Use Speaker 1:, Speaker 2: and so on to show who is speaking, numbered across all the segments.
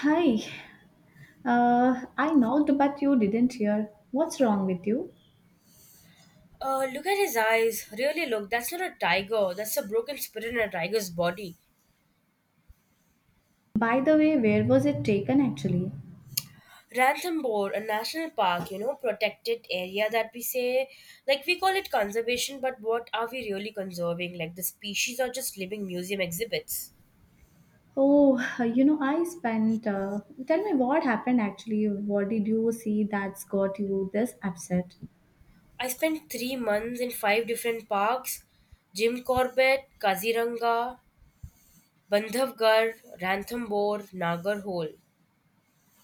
Speaker 1: Hi. I knocked, but you didn't hear. What's wrong with you?
Speaker 2: Look at his eyes. Really, look, that's not a tiger. That's a broken spirit in a tiger's body.
Speaker 1: By the way, where was it taken actually?
Speaker 2: Ranthambore, a national park, you know, protected area that we say, like we call it conservation, but what are we really conserving? Like the species are just living museum exhibits.
Speaker 1: Oh, you know, I spent. Tell me what happened actually. What did you see that's got you this upset?
Speaker 2: I spent 3 months in five different parks: Jim Corbett, Kaziranga, Bandhavgarh, Ranthambore, Nagarhole.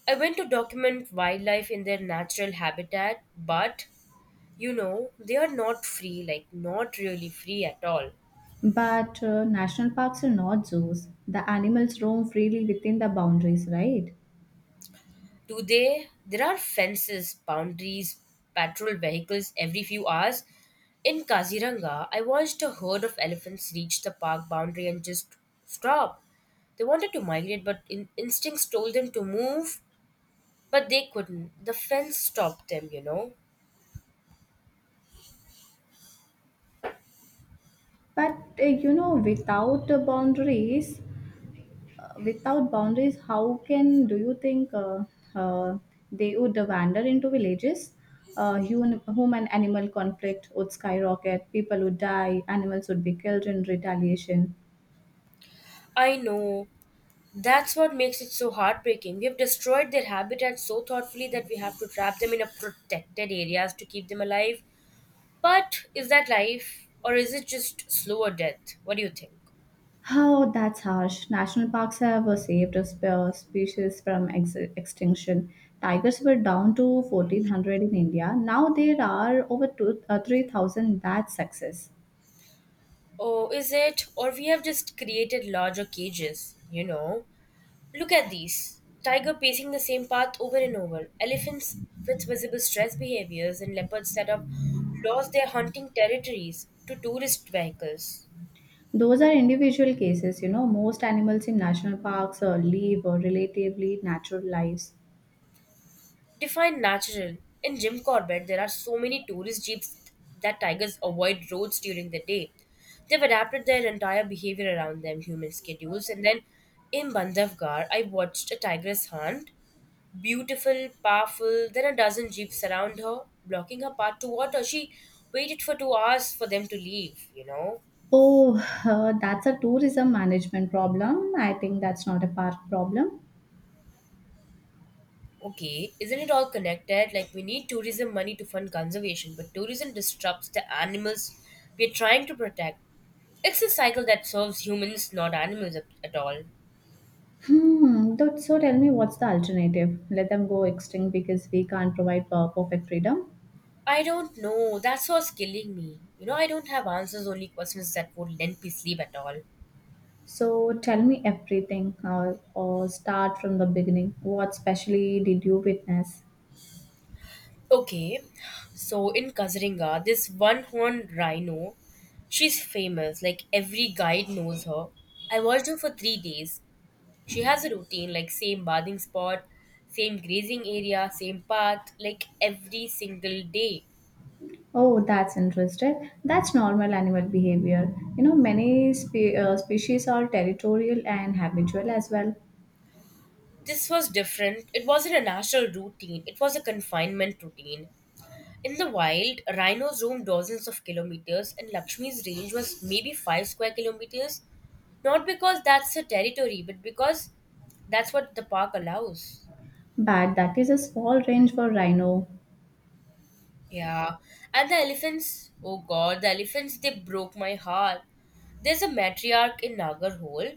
Speaker 2: I went to document wildlife in their natural habitat, but you know they are not free, like not really free at all.
Speaker 1: But national parks are not zoos. The animals roam freely within the boundaries, right?
Speaker 2: Today there are fences, boundaries, patrol vehicles every few hours. In Kaziranga I watched a herd of elephants reach the park boundary and just stop. They wanted to migrate, but instincts told them to move, but they couldn't. The fence stopped them, you know.
Speaker 1: But you know, without the boundaries, without boundaries, how can do you think uh, they would wander into villages? Human, human animal conflict would skyrocket, people would die, animals would be killed in retaliation.
Speaker 2: I know. That's what makes it so heartbreaking. We have destroyed their habitat so thoughtfully that we have to trap them in a protected areas to keep them alive. But is that life, or is it just slower death? What do you think?
Speaker 1: How that's harsh. National parks have saved a species from extinction. Tigers were down to 1400 in India. Now there are over 3000. That's success.
Speaker 2: Oh, is it? Or we have just created larger cages, you know? Look at these. Tiger pacing the same path over and over. Elephants with visible stress behaviors, and leopards that have lost their hunting territories to tourist vehicles.
Speaker 1: Those are individual cases, you know. Most animals in national parks live relatively natural lives.
Speaker 2: Define natural. In Jim Corbett, there are so many tourist jeeps that tigers avoid roads during the day. They've adapted their entire behavior around them, human schedules. And then in Bandhavgarh, I watched a tigress hunt. Beautiful, powerful, then a dozen jeeps around her, blocking her path to water. She waited for 2 hours for them to leave, you know.
Speaker 1: Oh, that's a tourism management problem. I think that's not a park problem.
Speaker 2: Okay, isn't it all connected? Like we need tourism money to fund conservation, but tourism disrupts the animals we're trying to protect. It's a cycle that serves humans, not animals at all.
Speaker 1: Hmm. So tell me, what's the alternative? Let them go extinct because we can't provide perfect freedom.
Speaker 2: I don't know. That's what's killing me. You know, I don't have answers, only questions that won't let me sleep at all.
Speaker 1: So tell me everything, or start from the beginning. What specially did you witness?
Speaker 2: Okay, so in Kaziringa, this one horned rhino, she's famous. Like every guide knows her. I watched her for 3 days. She has a routine, like same bathing spot, same grazing area, same path, like every single day.
Speaker 1: Oh, that's interesting. That's normal animal behavior. You know, many species are territorial and habitual as well.
Speaker 2: This was different. It wasn't a natural routine, it was a confinement routine. In the wild, rhinos roamed dozens of kilometers, and Lakshmi's range was maybe 5 square kilometers. Not because that's her territory, but because that's what the park allows.
Speaker 1: But that is a small range for rhino.
Speaker 2: Yeah, and the elephants, oh god, the elephants, they broke my heart. There's a matriarch in Nagarhole.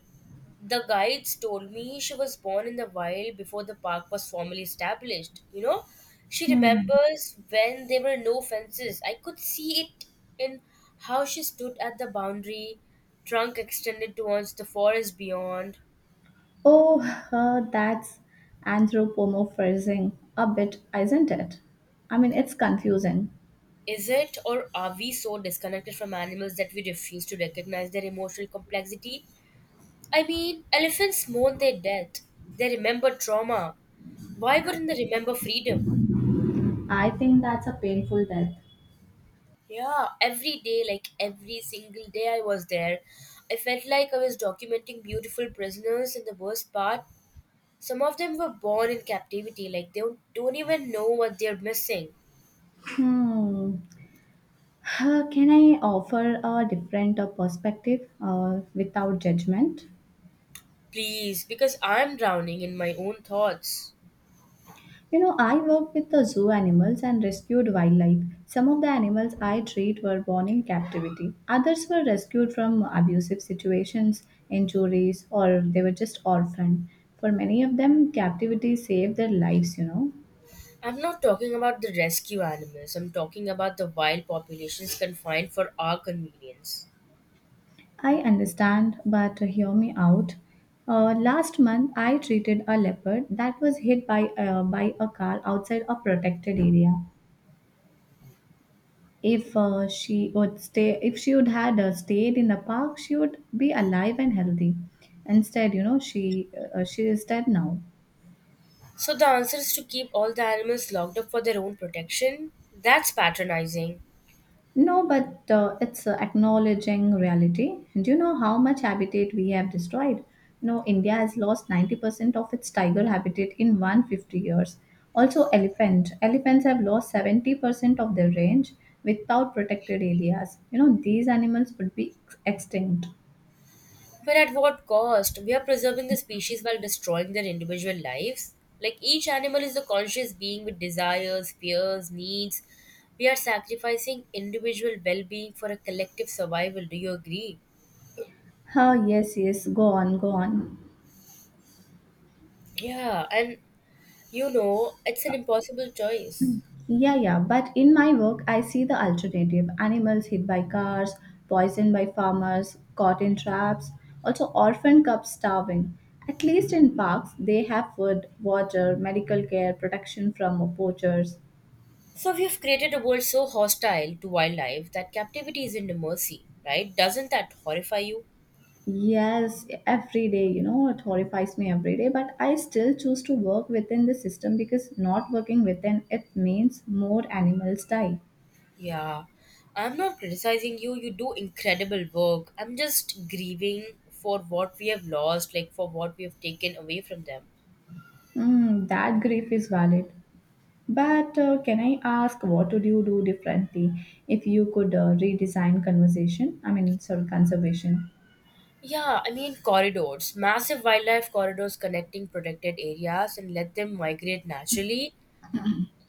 Speaker 2: The guides told me she was born in the wild before the park was formally established. You know, she
Speaker 1: Hmm.
Speaker 2: remembers when there were no fences. I could see it in how she stood at the boundary, trunk extended towards the forest beyond.
Speaker 1: Oh, that's anthropomorphizing a bit, isn't it? I mean, it's confusing.
Speaker 2: Is it, or are we so disconnected from animals that we refuse to recognize their emotional complexity? I mean, elephants mourn their death. They remember trauma. Why wouldn't they remember freedom?
Speaker 1: I think that's a painful death.
Speaker 2: Yeah, every day, like every single day I was there, I felt like I was documenting beautiful prisoners, and the worst part, some of them were born in captivity, like they don't even know what they're missing.
Speaker 1: Hmm. Can I offer a different perspective without judgment?
Speaker 2: Please, because I'm drowning in my own thoughts.
Speaker 1: You know, I worked with the zoo animals and rescued wildlife. Some of the animals I treat were born in captivity. Others were rescued from abusive situations, injuries, or they were just orphaned. For many of them, captivity saved their lives, you know.
Speaker 2: I'm not talking about the rescue animals, I'm talking about the wild populations confined for our convenience.
Speaker 1: I understand, but hear me out. Last month, I treated a leopard that was hit by a car outside a protected area. If she would stay, if she would had stayed in the park, she would be alive and healthy. Instead, you know, she is dead now.
Speaker 2: So the answer is to keep all the animals locked up for their own protection? That's patronizing.
Speaker 1: No, but it's acknowledging reality. Do you know how much habitat we have destroyed? You know, India has lost 90% of its tiger habitat in 150 years. Also, elephant. Elephants have lost 70% of their range without protected areas. You know, these animals would be extinct.
Speaker 2: But at what cost? We are preserving the species while destroying their individual lives. Like each animal is a conscious being with desires, fears, needs. We are sacrificing individual well being for a collective survival. Do you agree?
Speaker 1: Ah, yes, yes. Go on, go on.
Speaker 2: Yeah, and you know, it's an impossible choice.
Speaker 1: Yeah, yeah. But in my work, I see the alternative animals hit by cars, poisoned by farmers, caught in traps, also orphan cubs starving. At least in parks, they have food, water, medical care, protection from poachers.
Speaker 2: So we have created a world so hostile to wildlife that captivity isn't a mercy, right? Doesn't that horrify you?
Speaker 1: Yes, every day, you know, it horrifies me every day, but I still choose to work within the system because not working within it means more animals die.
Speaker 2: Yeah, I'm not criticizing you. You do incredible work. I'm just grieving for what we have lost, like for what we have taken away from them.
Speaker 1: Mm, that grief is valid. But can I ask, what would you do differently if you could redesign conversation? I mean, sorry, conservation.
Speaker 2: Yeah, I mean corridors, massive wildlife corridors connecting protected areas and let them migrate naturally.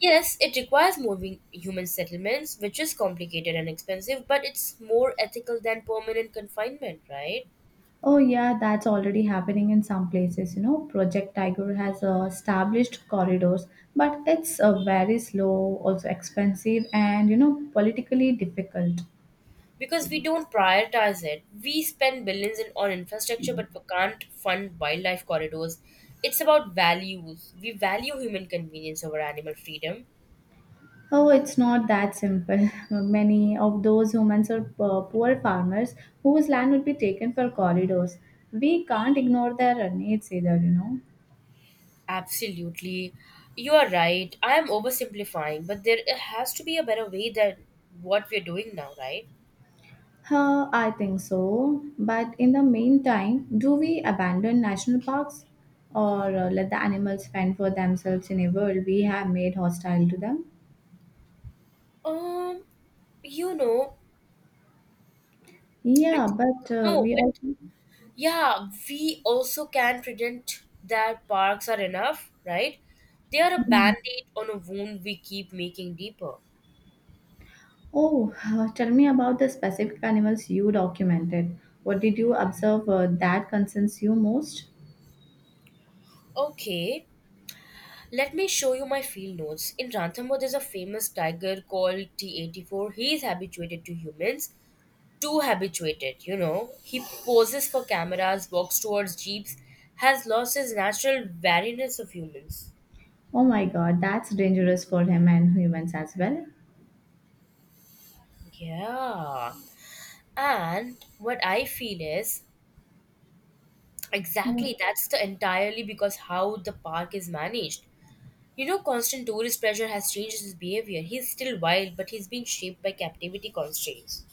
Speaker 2: Yes, it requires moving human settlements, which is complicated and expensive, but it's more ethical than permanent confinement, right?
Speaker 1: Oh, yeah, that's already happening in some places. You know, Project Tiger has established corridors, but it's very slow, also expensive, and you know, politically difficult.
Speaker 2: Because we don't prioritize it. We spend billions on infrastructure, but we can't fund wildlife corridors. It's about values. We value human convenience over animal freedom.
Speaker 1: Oh, it's not that simple. Many of those humans are poor farmers whose land would be taken for corridors. We can't ignore their needs either, you know.
Speaker 2: Absolutely. You are right. I am oversimplifying, but there has to be a better way than what we're doing now, right?
Speaker 1: Huh, I think so. But in the meantime, do we abandon national parks or let the animals fend for themselves in a world we have made hostile to them?
Speaker 2: Um, you know, I think,
Speaker 1: Yeah, but
Speaker 2: no,
Speaker 1: we
Speaker 2: but
Speaker 1: also.
Speaker 2: Yeah, we also can pretend that parks are enough, right? They are a
Speaker 1: Hmm.
Speaker 2: band aid on a wound we keep making deeper.
Speaker 1: Oh, tell me about the specific animals you documented. What did you observe that concerns you most?
Speaker 2: Okay, let me show you my field notes. In Ranthambore, there's a famous tiger called T84. He is habituated to humans, too habituated, you know. He poses for cameras, walks towards jeeps, has lost his natural wariness of humans.
Speaker 1: Oh my god, that's dangerous for him and humans as well.
Speaker 2: Yeah. And what I feel is exactly, that's the entirely because how the park is managed. You know, constant tourist pressure has changed his behavior. He's still wild, but he's been shaped by captivity constraints.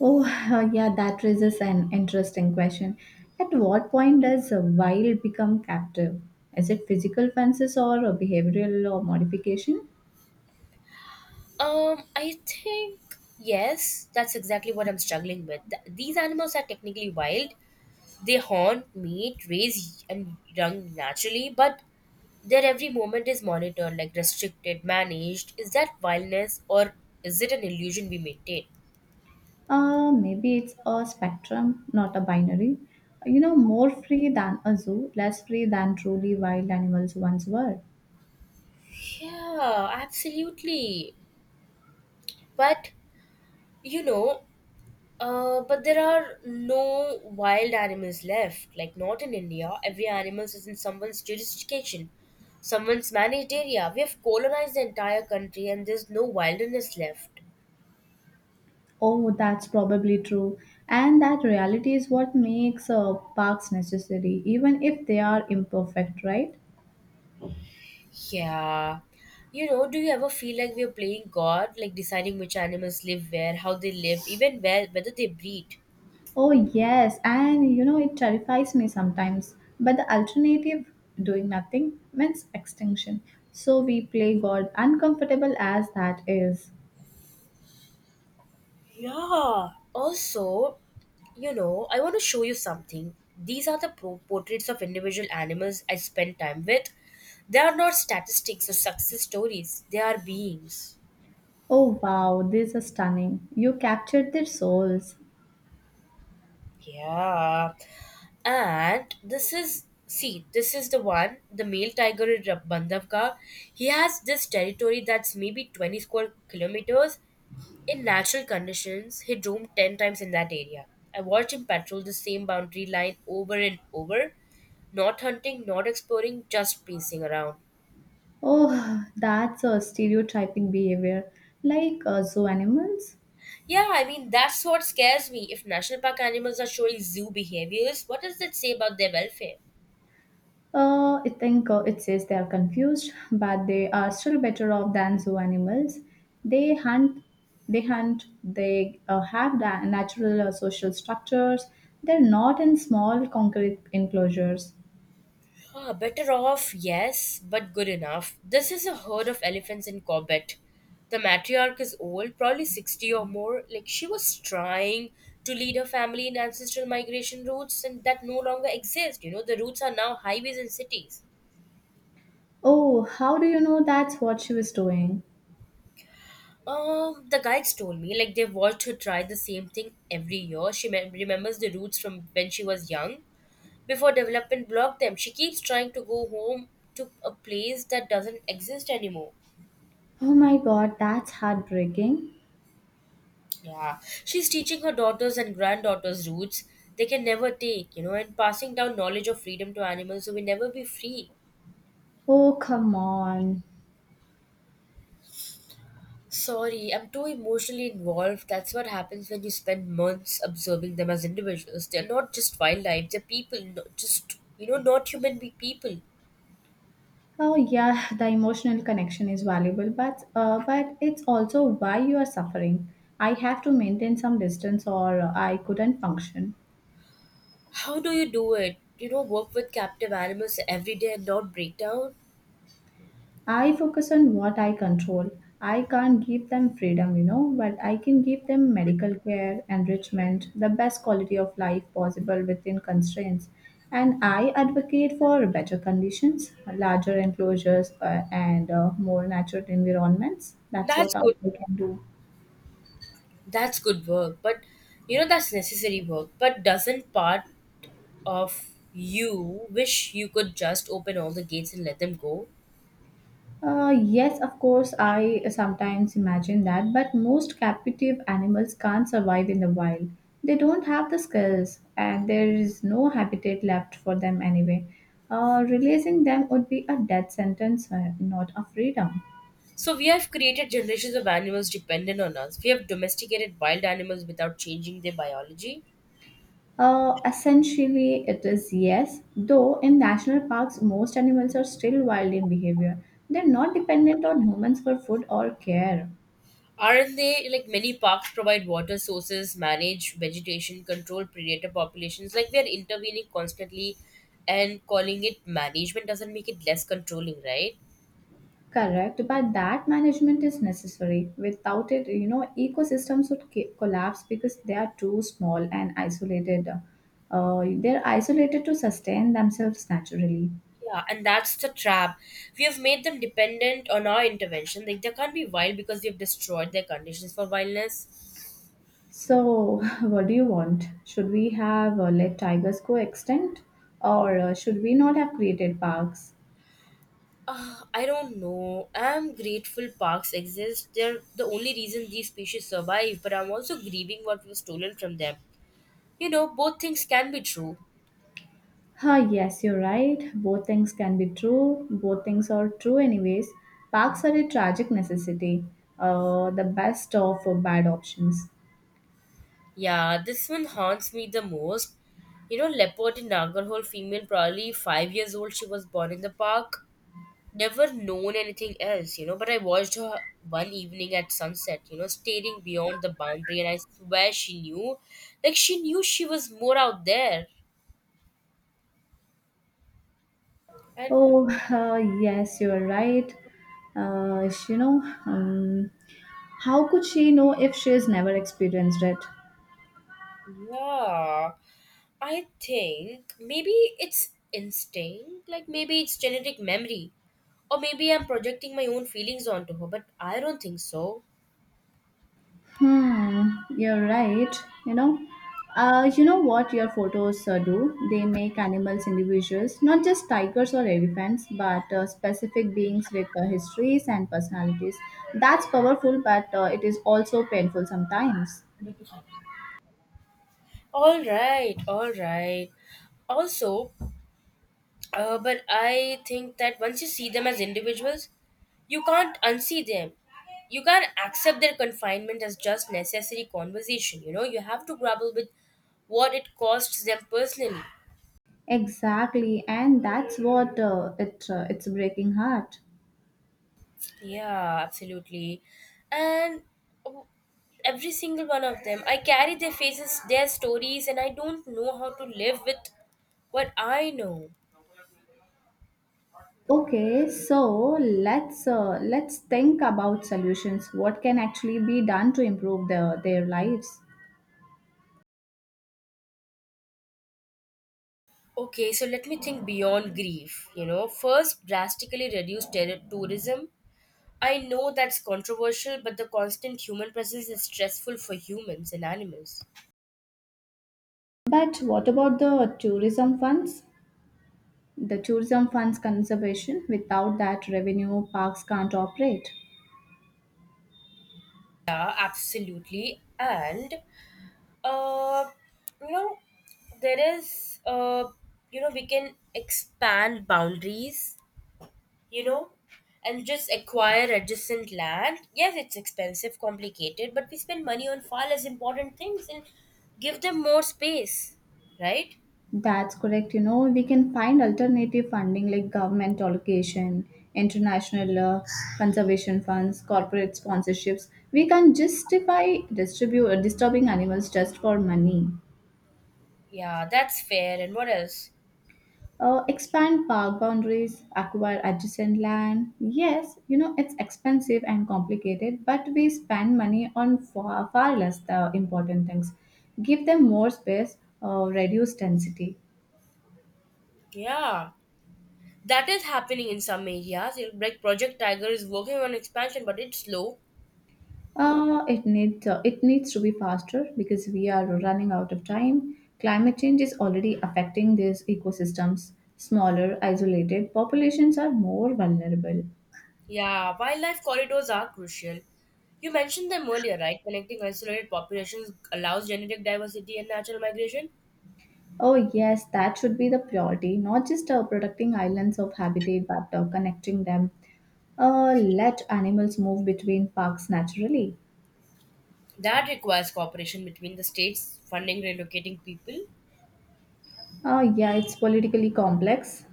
Speaker 1: Oh, yeah, that raises an interesting question. At what point does a wild become captive? Is it physical fences or a behavioral or modification?
Speaker 2: I think yes, that's exactly what I'm struggling with. These animals are technically wild. They horn, mate, raise and young naturally, but their every moment is monitored, like restricted, managed. Is that wildness, or is it an illusion we maintain?
Speaker 1: Maybe it's a spectrum, not a binary. You know, more free than a zoo, less free than truly wild animals once were.
Speaker 2: Yeah, absolutely. But, you know, but there are no wild animals left. Like, not in India. Every animal is in someone's jurisdiction, someone's managed area. We have colonized the entire country and there's no wilderness left.
Speaker 1: Oh, that's probably true. And that reality is what makes parks necessary, even if they are imperfect, right?
Speaker 2: Yeah. You know, do you ever feel like we are playing God, like deciding which animals live where, how they live, even where whether they breed?
Speaker 1: Oh, yes, and you know, it terrifies me sometimes. But the alternative, doing nothing, means extinction. So we play God, uncomfortable as that is.
Speaker 2: Yeah. Also, you know, I want to show you something. These are the portraits of individual animals I spend time with. They are not statistics or success stories, they are beings.
Speaker 1: Oh, wow, this is stunning. You captured their souls.
Speaker 2: Yeah. And this is, see, this is the one, the male tiger in Bandhavgarh. He has this territory that's maybe 20 square kilometers. In natural conditions, he roamed 10 times in that area. I watched him patrol the same boundary line over and over, not hunting, not exploring, just pacing around.
Speaker 1: Oh, that's a stereotyping behavior, like zoo animals.
Speaker 2: Yeah, I mean, that's what scares me. If national park animals are showing zoo behaviors, what does that say about their welfare?
Speaker 1: I think it says they are confused, but they are still better off than zoo animals. They hunt, they hunt, they natural social structures. They're not in small concrete enclosures.
Speaker 2: Ah, better off, yes, but good enough. This is a herd of elephants in Corbett. The matriarch is old, probably 60 or more. Like, she was trying to lead her family in ancestral migration routes, and that no longer exist. You know, the routes are now highways and cities.
Speaker 1: Oh, how do you know that's what she was doing?
Speaker 2: The guides told me, like, they watched her try the same thing every year. She remembers the routes from when she was young. Before development blocked them, she keeps trying to go home to a place that doesn't exist anymore.
Speaker 1: Oh my god, that's heartbreaking.
Speaker 2: Yeah, she's teaching her daughters and granddaughters roots they can never take, you know, and passing down knowledge of freedom to animals who will never be free.
Speaker 1: Oh, come on.
Speaker 2: Sorry, I'm too emotionally involved. That's what happens when you spend months observing them as individuals. They're not just wildlife, they're people, not just, you know, not human be people.
Speaker 1: Oh yeah, the emotional connection is valuable, but it's also why you are suffering. I have to maintain some distance, or I couldn't function.
Speaker 2: How do you do it? You know, work with captive animals every day and not break down?
Speaker 1: I focus on what I control. I can't give them freedom, you know, but I can give them medical care, enrichment, the best quality of life possible within constraints. And I advocate for better conditions, larger enclosures, and more natural environments. That's
Speaker 2: That's
Speaker 1: what I
Speaker 2: good.
Speaker 1: can do.
Speaker 2: That's good work. But, you know, that's necessary work. But doesn't part of you wish you could just open all the gates and let them go.
Speaker 1: Yes, of course, I sometimes imagine that, but most captive animals can't survive in the wild. They don't have the skills, and there is no habitat left for them anyway. Releasing them would be a death sentence, not a freedom.
Speaker 2: So we have created generations of animals dependent on us. We have domesticated wild animals without changing their biology.
Speaker 1: Essentially, it is yes, though in national parks, most animals are still wild in behavior. They're not dependent on humans for food or care.
Speaker 2: Aren't they, like many parks provide water sources, manage vegetation, control predator populations? Like we are intervening constantly and calling it management doesn't make it less controlling, right?
Speaker 1: Correct, but that management is necessary. Without it, you know, ecosystems would collapse because they are too small and isolated. They're isolated to sustain themselves naturally.
Speaker 2: Yeah, and that's the trap. We have made them dependent on our intervention. Like they can't be wild because we have destroyed their conditions for wildness.
Speaker 1: So, what do you want? Should we have let tigers go extinct, or should we not have created parks?
Speaker 2: I don't know. I'm grateful parks exist. They're the only reason these species survive, but I'm also grieving what was stolen from them. You know, both things can be true.
Speaker 1: Ah, yes, you're right. Both things can be true. Both things are true, anyways. Parks are a tragic necessity, the best of bad options.
Speaker 2: Yeah, this one haunts me the most. You know, leopard in Nagarhole female, probably 5 years old, she was born in the park. Never known anything else, you know, but I watched her one evening at sunset, you know, staring beyond the boundary, and I swear she knew. Like, she knew she was more out there. And
Speaker 1: Oh, yes, you're right. Uh, you know, um, how could she know if she has never experienced it?
Speaker 2: yeah, I think maybe it's instinct, like maybe it's genetic memory, or maybe I'm projecting my own feelings onto her, but I don't think so.
Speaker 1: Hmm, you're right. You know, you know what your photos do? They make animals individuals, not just tigers or elephants, but specific beings with histories and personalities. That's powerful, but it is also painful sometimes.
Speaker 2: All right, all right. Also, but I think that once you see them as individuals, you can't unsee them. You can't accept their confinement as just necessary conversation. You know, you have to grapple with what it costs them personally.
Speaker 1: Exactly, and that's what it's breaking heart.
Speaker 2: Yeah, absolutely. And w- every single one of them, I carry their faces, their stories, and I don't know how to live with what I know.
Speaker 1: Okay, so let's think about solutions. What can actually be done to improve their lives?
Speaker 2: Okay, so let me think beyond grief. You know, first, drastically reduce tourism. I know that's controversial, but the constant human presence is stressful for humans and animals.
Speaker 1: But what about the tourism funds? The tourism funds conservation. Without that revenue, parks can't operate.
Speaker 2: Yeah, absolutely. Uh, you know, there is, you know, we can expand boundaries, you know, and just acquire adjacent land. Yes, it's expensive, complicated, but we spend money on far less important things and give them more space, right?
Speaker 1: That's correct. You know, we can find alternative funding like government allocation, international conservation funds, corporate sponsorships. We can justify distribute disturbing animals just for money.
Speaker 2: Yeah, that's fair. And what else?
Speaker 1: Expand park boundaries, acquire adjacent land. Yes, you know, it's expensive and complicated, but we spend money on far, far less the important things. Give them more space, reduce density.
Speaker 2: Yeah, that is happening in some areas. Like Project Tiger is working on expansion, but it's slow.
Speaker 1: It needs to be faster because we are running out of time. Climate change is already affecting these ecosystems. Smaller, isolated populations are more vulnerable.
Speaker 2: Yeah, wildlife corridors are crucial. You mentioned them earlier, right? Connecting isolated populations allows genetic diversity and natural migration.
Speaker 1: Oh, yes, that should be the priority, not just protecting islands of habitat but connecting them. Let animals move between parks naturally.
Speaker 2: That requires cooperation between the states, funding relocating people.
Speaker 1: Yeah, it's politically complex,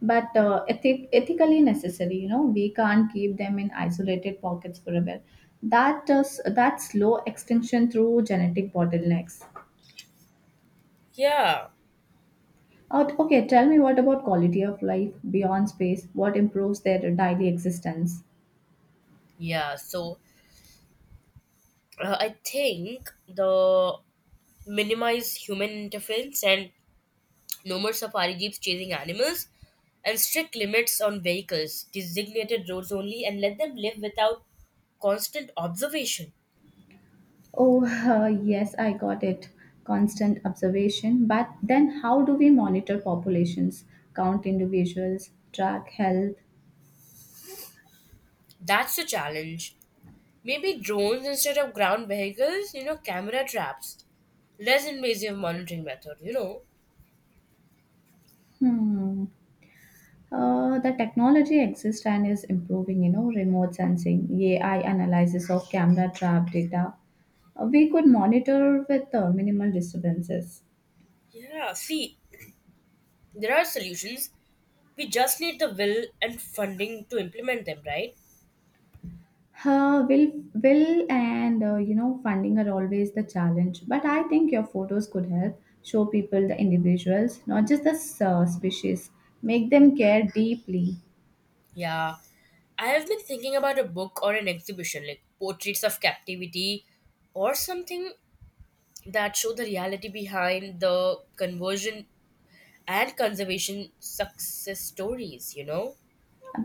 Speaker 1: but ethically necessary. You know, we can't keep them in isolated pockets forever. That does that slow extinction through genetic bottlenecks.
Speaker 2: Yeah,
Speaker 1: Okay, tell me what about quality of life beyond space? What improves their daily existence?
Speaker 2: yeah. So I think the minimize human interference and no more safari jeeps chasing animals and strict limits on vehicles, designated roads only, and let them live without constant observation.
Speaker 1: Oh, yes, I got it. Constant observation. But then how do we monitor populations, count individuals, track health?
Speaker 2: That's the challenge. Maybe drones instead of ground vehicles, you know, camera traps, less invasive monitoring method, you know.
Speaker 1: Hmm. The technology exists and is improving, you know, remote sensing, AI analysis of camera trap data. We could monitor with minimal disturbances.
Speaker 2: Yeah, see, there are solutions. We just need the will and funding to implement them, right?
Speaker 1: Uh, will will and you know funding are always the challenge but I think your photos could help show people the individuals not just the species make them care deeply
Speaker 2: Yeah. I have been thinking about a book or an exhibition like Portraits of Captivity or something that show the reality behind the conversion and conservation success stories, you know?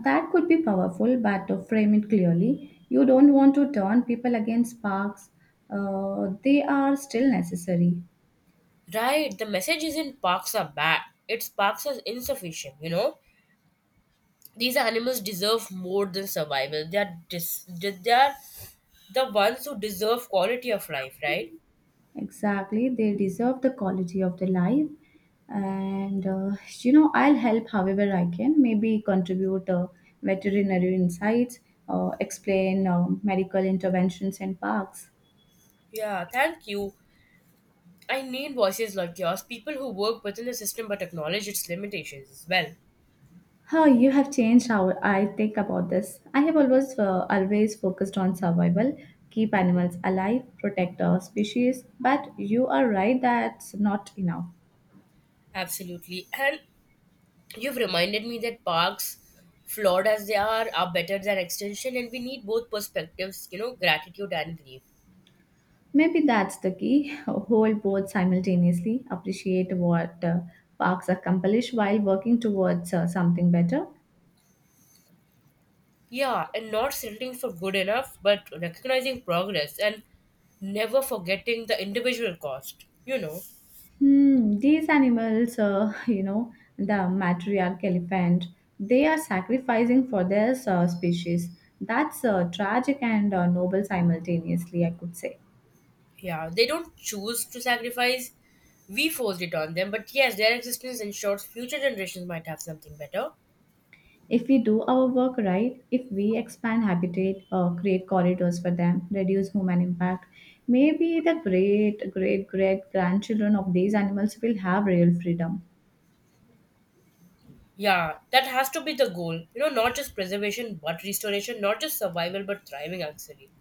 Speaker 1: that could be powerful but to frame it clearly you don't want to turn people against parks they are still necessary.
Speaker 2: Right, the message isn't parks are bad, it's parks are insufficient, you know. These animals deserve more than survival. They are the ones who deserve quality of life, right?
Speaker 1: Exactly, they deserve the quality of their life. And you know, I'll help however I can. Maybe contribute veterinary insights, explain medical interventions and parks.
Speaker 2: Yeah, thank you. I need voices like yours, people who work within the system but acknowledge its limitations as well.
Speaker 1: How you have changed how I think about this. I have always focused on survival, keep animals alive, protect our species. But you are right, that's not enough.
Speaker 2: Absolutely. And you've reminded me that parks, flawed as they are better than extinction. And we need both perspectives, you know, gratitude and grief.
Speaker 1: Maybe that's the key. Hold both simultaneously, appreciate what parks accomplish while working towards something better.
Speaker 2: Yeah, and not settling for good enough, but recognizing progress and never forgetting the individual cost. You know,
Speaker 1: Hmm, these animals, you know, the matriarch elephant, they are sacrificing for their species. That's tragic and noble simultaneously, I could say.
Speaker 2: yeah, they don't choose to sacrifice, we forced it on them, but yes, their existence ensures future generations might have something better.
Speaker 1: If we do our work right, if we expand habitat, or create corridors for them, reduce human impact, maybe the great, great, great grandchildren of these animals will have real freedom.
Speaker 2: Yeah, that has to be the goal. You know, not just preservation but restoration, not just survival but thriving actually.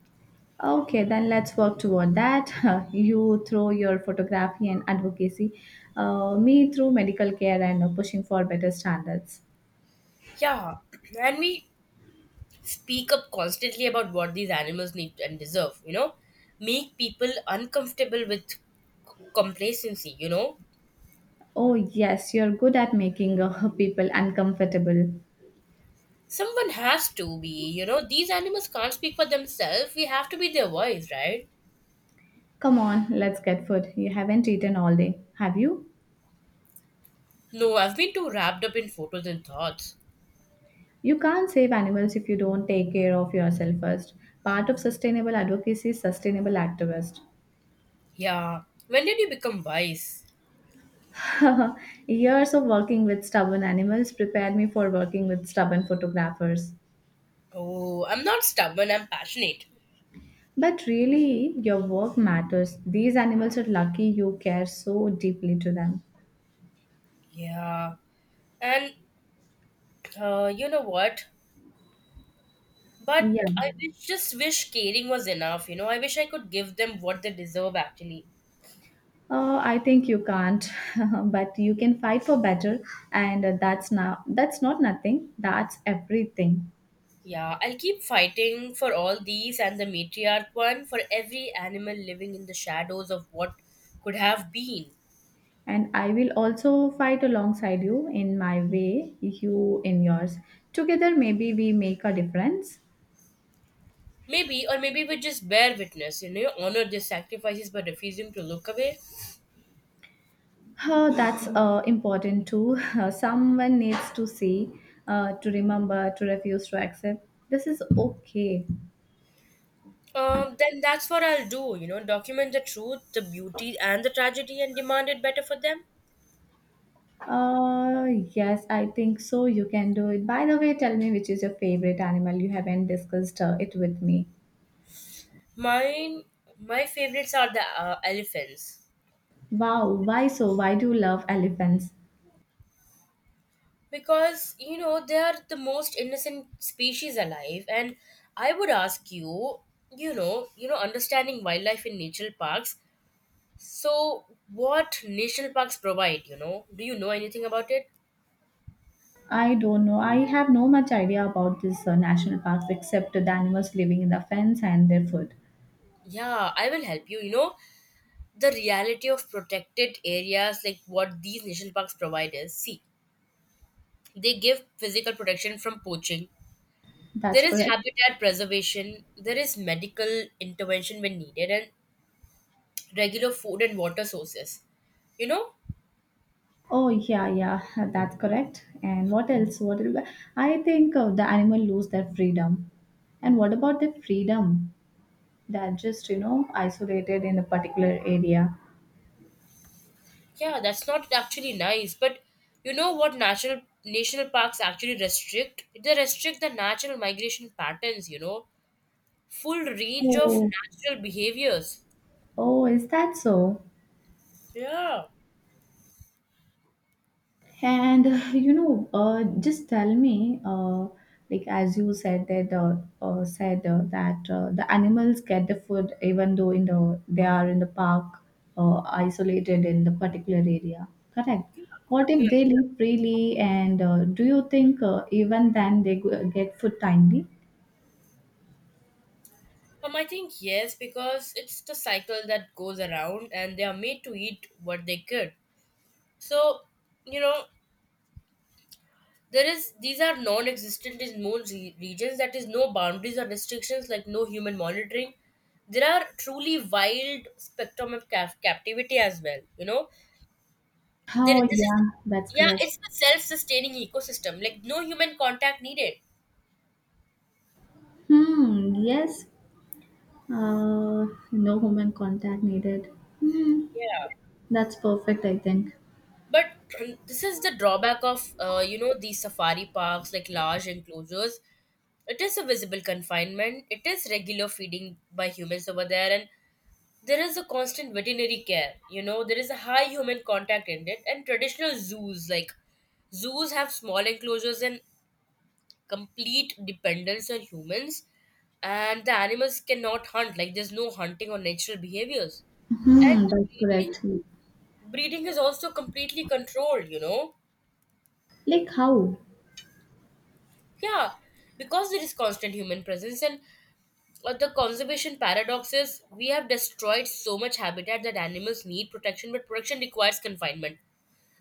Speaker 1: Okay, then let's work toward that. You through your photography and advocacy, me through medical care and pushing for better standards.
Speaker 2: Yeah, and we speak up constantly about what these animals need and deserve. Make people uncomfortable with complacency, you know.
Speaker 1: Oh, yes, you're good at making people uncomfortable.
Speaker 2: Someone has to be, you know, these animals can't speak for themselves, we have to be their voice, right?
Speaker 1: Come on, let's get food. You haven't eaten all day, have you?
Speaker 2: No, I've been too wrapped up in photos and thoughts.
Speaker 1: You can't save animals if you don't take care of yourself first. Part of sustainable advocacy is sustainable activist.
Speaker 2: Yeah, when did you become wise?
Speaker 1: Years of working with stubborn animals prepared me for working with stubborn photographers.
Speaker 2: Oh, I'm not stubborn, I'm passionate.
Speaker 1: But really, your work matters. These animals are lucky you care so deeply to them.
Speaker 2: Yeah. and you know what
Speaker 1: Yeah.
Speaker 2: but I wish, just wish caring was enough. You know, I wish I could give them what they deserve, actually.
Speaker 1: I think you can't, but you can fight for better, and that's not nothing. That's everything.
Speaker 2: Yeah, I'll keep fighting for all these and the matriarch one, for every animal living in the shadows of what could have been.
Speaker 1: And I will also fight alongside you in my way, you in yours. Together, maybe we make a difference.
Speaker 2: Maybe, or maybe we just bear witness, you know, honor their sacrifices by refusing to look away.
Speaker 1: That's important too. Someone needs to see, to remember, to refuse to accept. This is okay.
Speaker 2: Then that's what I'll do, you know, document the truth, the beauty, and the tragedy and demand it better for them.
Speaker 1: Uh, yes, I think so. You can do it. By the way, tell me which is your favorite animal. You haven't discussed it with me.
Speaker 2: Mine, my favorites are the elephants.
Speaker 1: Wow, why so? Why do you love elephants?
Speaker 2: Because, you know, they are the most innocent species alive, and I would ask you, you know, understanding wildlife in national parks, so what national parks provide, you know, do you know anything about it?
Speaker 1: I don't know. I have no much idea about these national parks except the animals living in the fence and their food.
Speaker 2: Yeah, I will help you, you know. The reality of protected areas, like what these national parks provide, is, see, they give physical protection from poaching, there
Speaker 1: That's
Speaker 2: is
Speaker 1: correct.
Speaker 2: habitat preservation, there is medical intervention when needed, and regular food and water sources. You know,
Speaker 1: Oh yeah, yeah, that's correct. And what else? What else? I think the animal lose their freedom. And what about their freedom? They're just you know isolated in a particular area.
Speaker 2: yeah, that's not actually nice. But you know what natural national parks actually restrict? They restrict the natural migration patterns, you know, full range of
Speaker 1: Oh,
Speaker 2: natural behaviors.
Speaker 1: oh, is that so?
Speaker 2: Yeah.
Speaker 1: And you know, just tell me, like as you said that the animals get the food even though in the they are in the park, isolated in the particular area. Correct.
Speaker 2: Yeah.
Speaker 1: What if
Speaker 2: Yeah.
Speaker 1: they live freely? And do you think even then they get food timely?
Speaker 2: I think yes, because it's the cycle that goes around and they are made to eat what they could. So, you know, there is, these are non-existent in most regions, that is, no boundaries or restrictions, like no human monitoring. There are truly wild spectrum of captivity as well, you know. There,
Speaker 1: Oh
Speaker 2: this is,
Speaker 1: yeah, that's
Speaker 2: yeah,
Speaker 1: correct.
Speaker 2: it's a self-sustaining ecosystem, like no human contact needed.
Speaker 1: Hmm. Yes. Uh, no human contact needed. Hmm.
Speaker 2: Yeah,
Speaker 1: That's perfect. I think.
Speaker 2: but this is the drawback of, you know, these safari parks, like large enclosures, it is a visible confinement, it is regular feeding by humans over there, and there is a constant veterinary care, you know, there is a high human contact in it. And traditional zoos, like zoos, have small enclosures and complete dependence on humans, and the animals cannot hunt, like there's no hunting or natural behaviors. And
Speaker 1: Hmm,
Speaker 2: the
Speaker 1: that's
Speaker 2: breeding
Speaker 1: correct.
Speaker 2: breeding is also completely controlled, you know.
Speaker 1: Like how?
Speaker 2: Yeah, because there is constant human presence. And the conservation paradox is we have destroyed so much habitat that animals need protection, but protection requires confinement.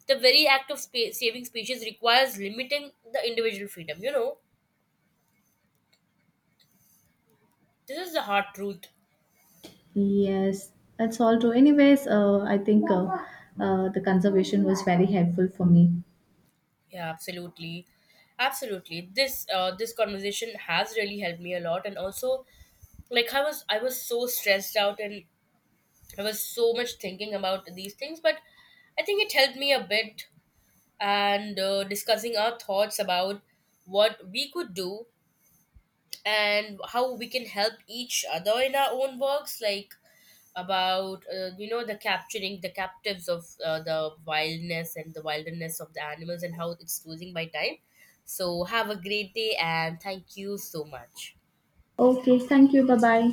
Speaker 2: The very act of saving species requires limiting the individual freedom, you know. This is the hard truth.
Speaker 1: Yes, that's all true. Anyways, I think the conservation was very helpful for me.
Speaker 2: Yeah, absolutely. Absolutely, this this conversation has really helped me a lot. And also, like, I was so stressed out, and I was so much thinking about these things, but I think it helped me a bit. And discussing our thoughts about what we could do and how we can help each other in our own works, like about, you know, the capturing the captives of, the wildness and the wilderness of the animals and how it's losing by time. So have a great day and thank you so much.
Speaker 1: Okay, thank you. Bye bye.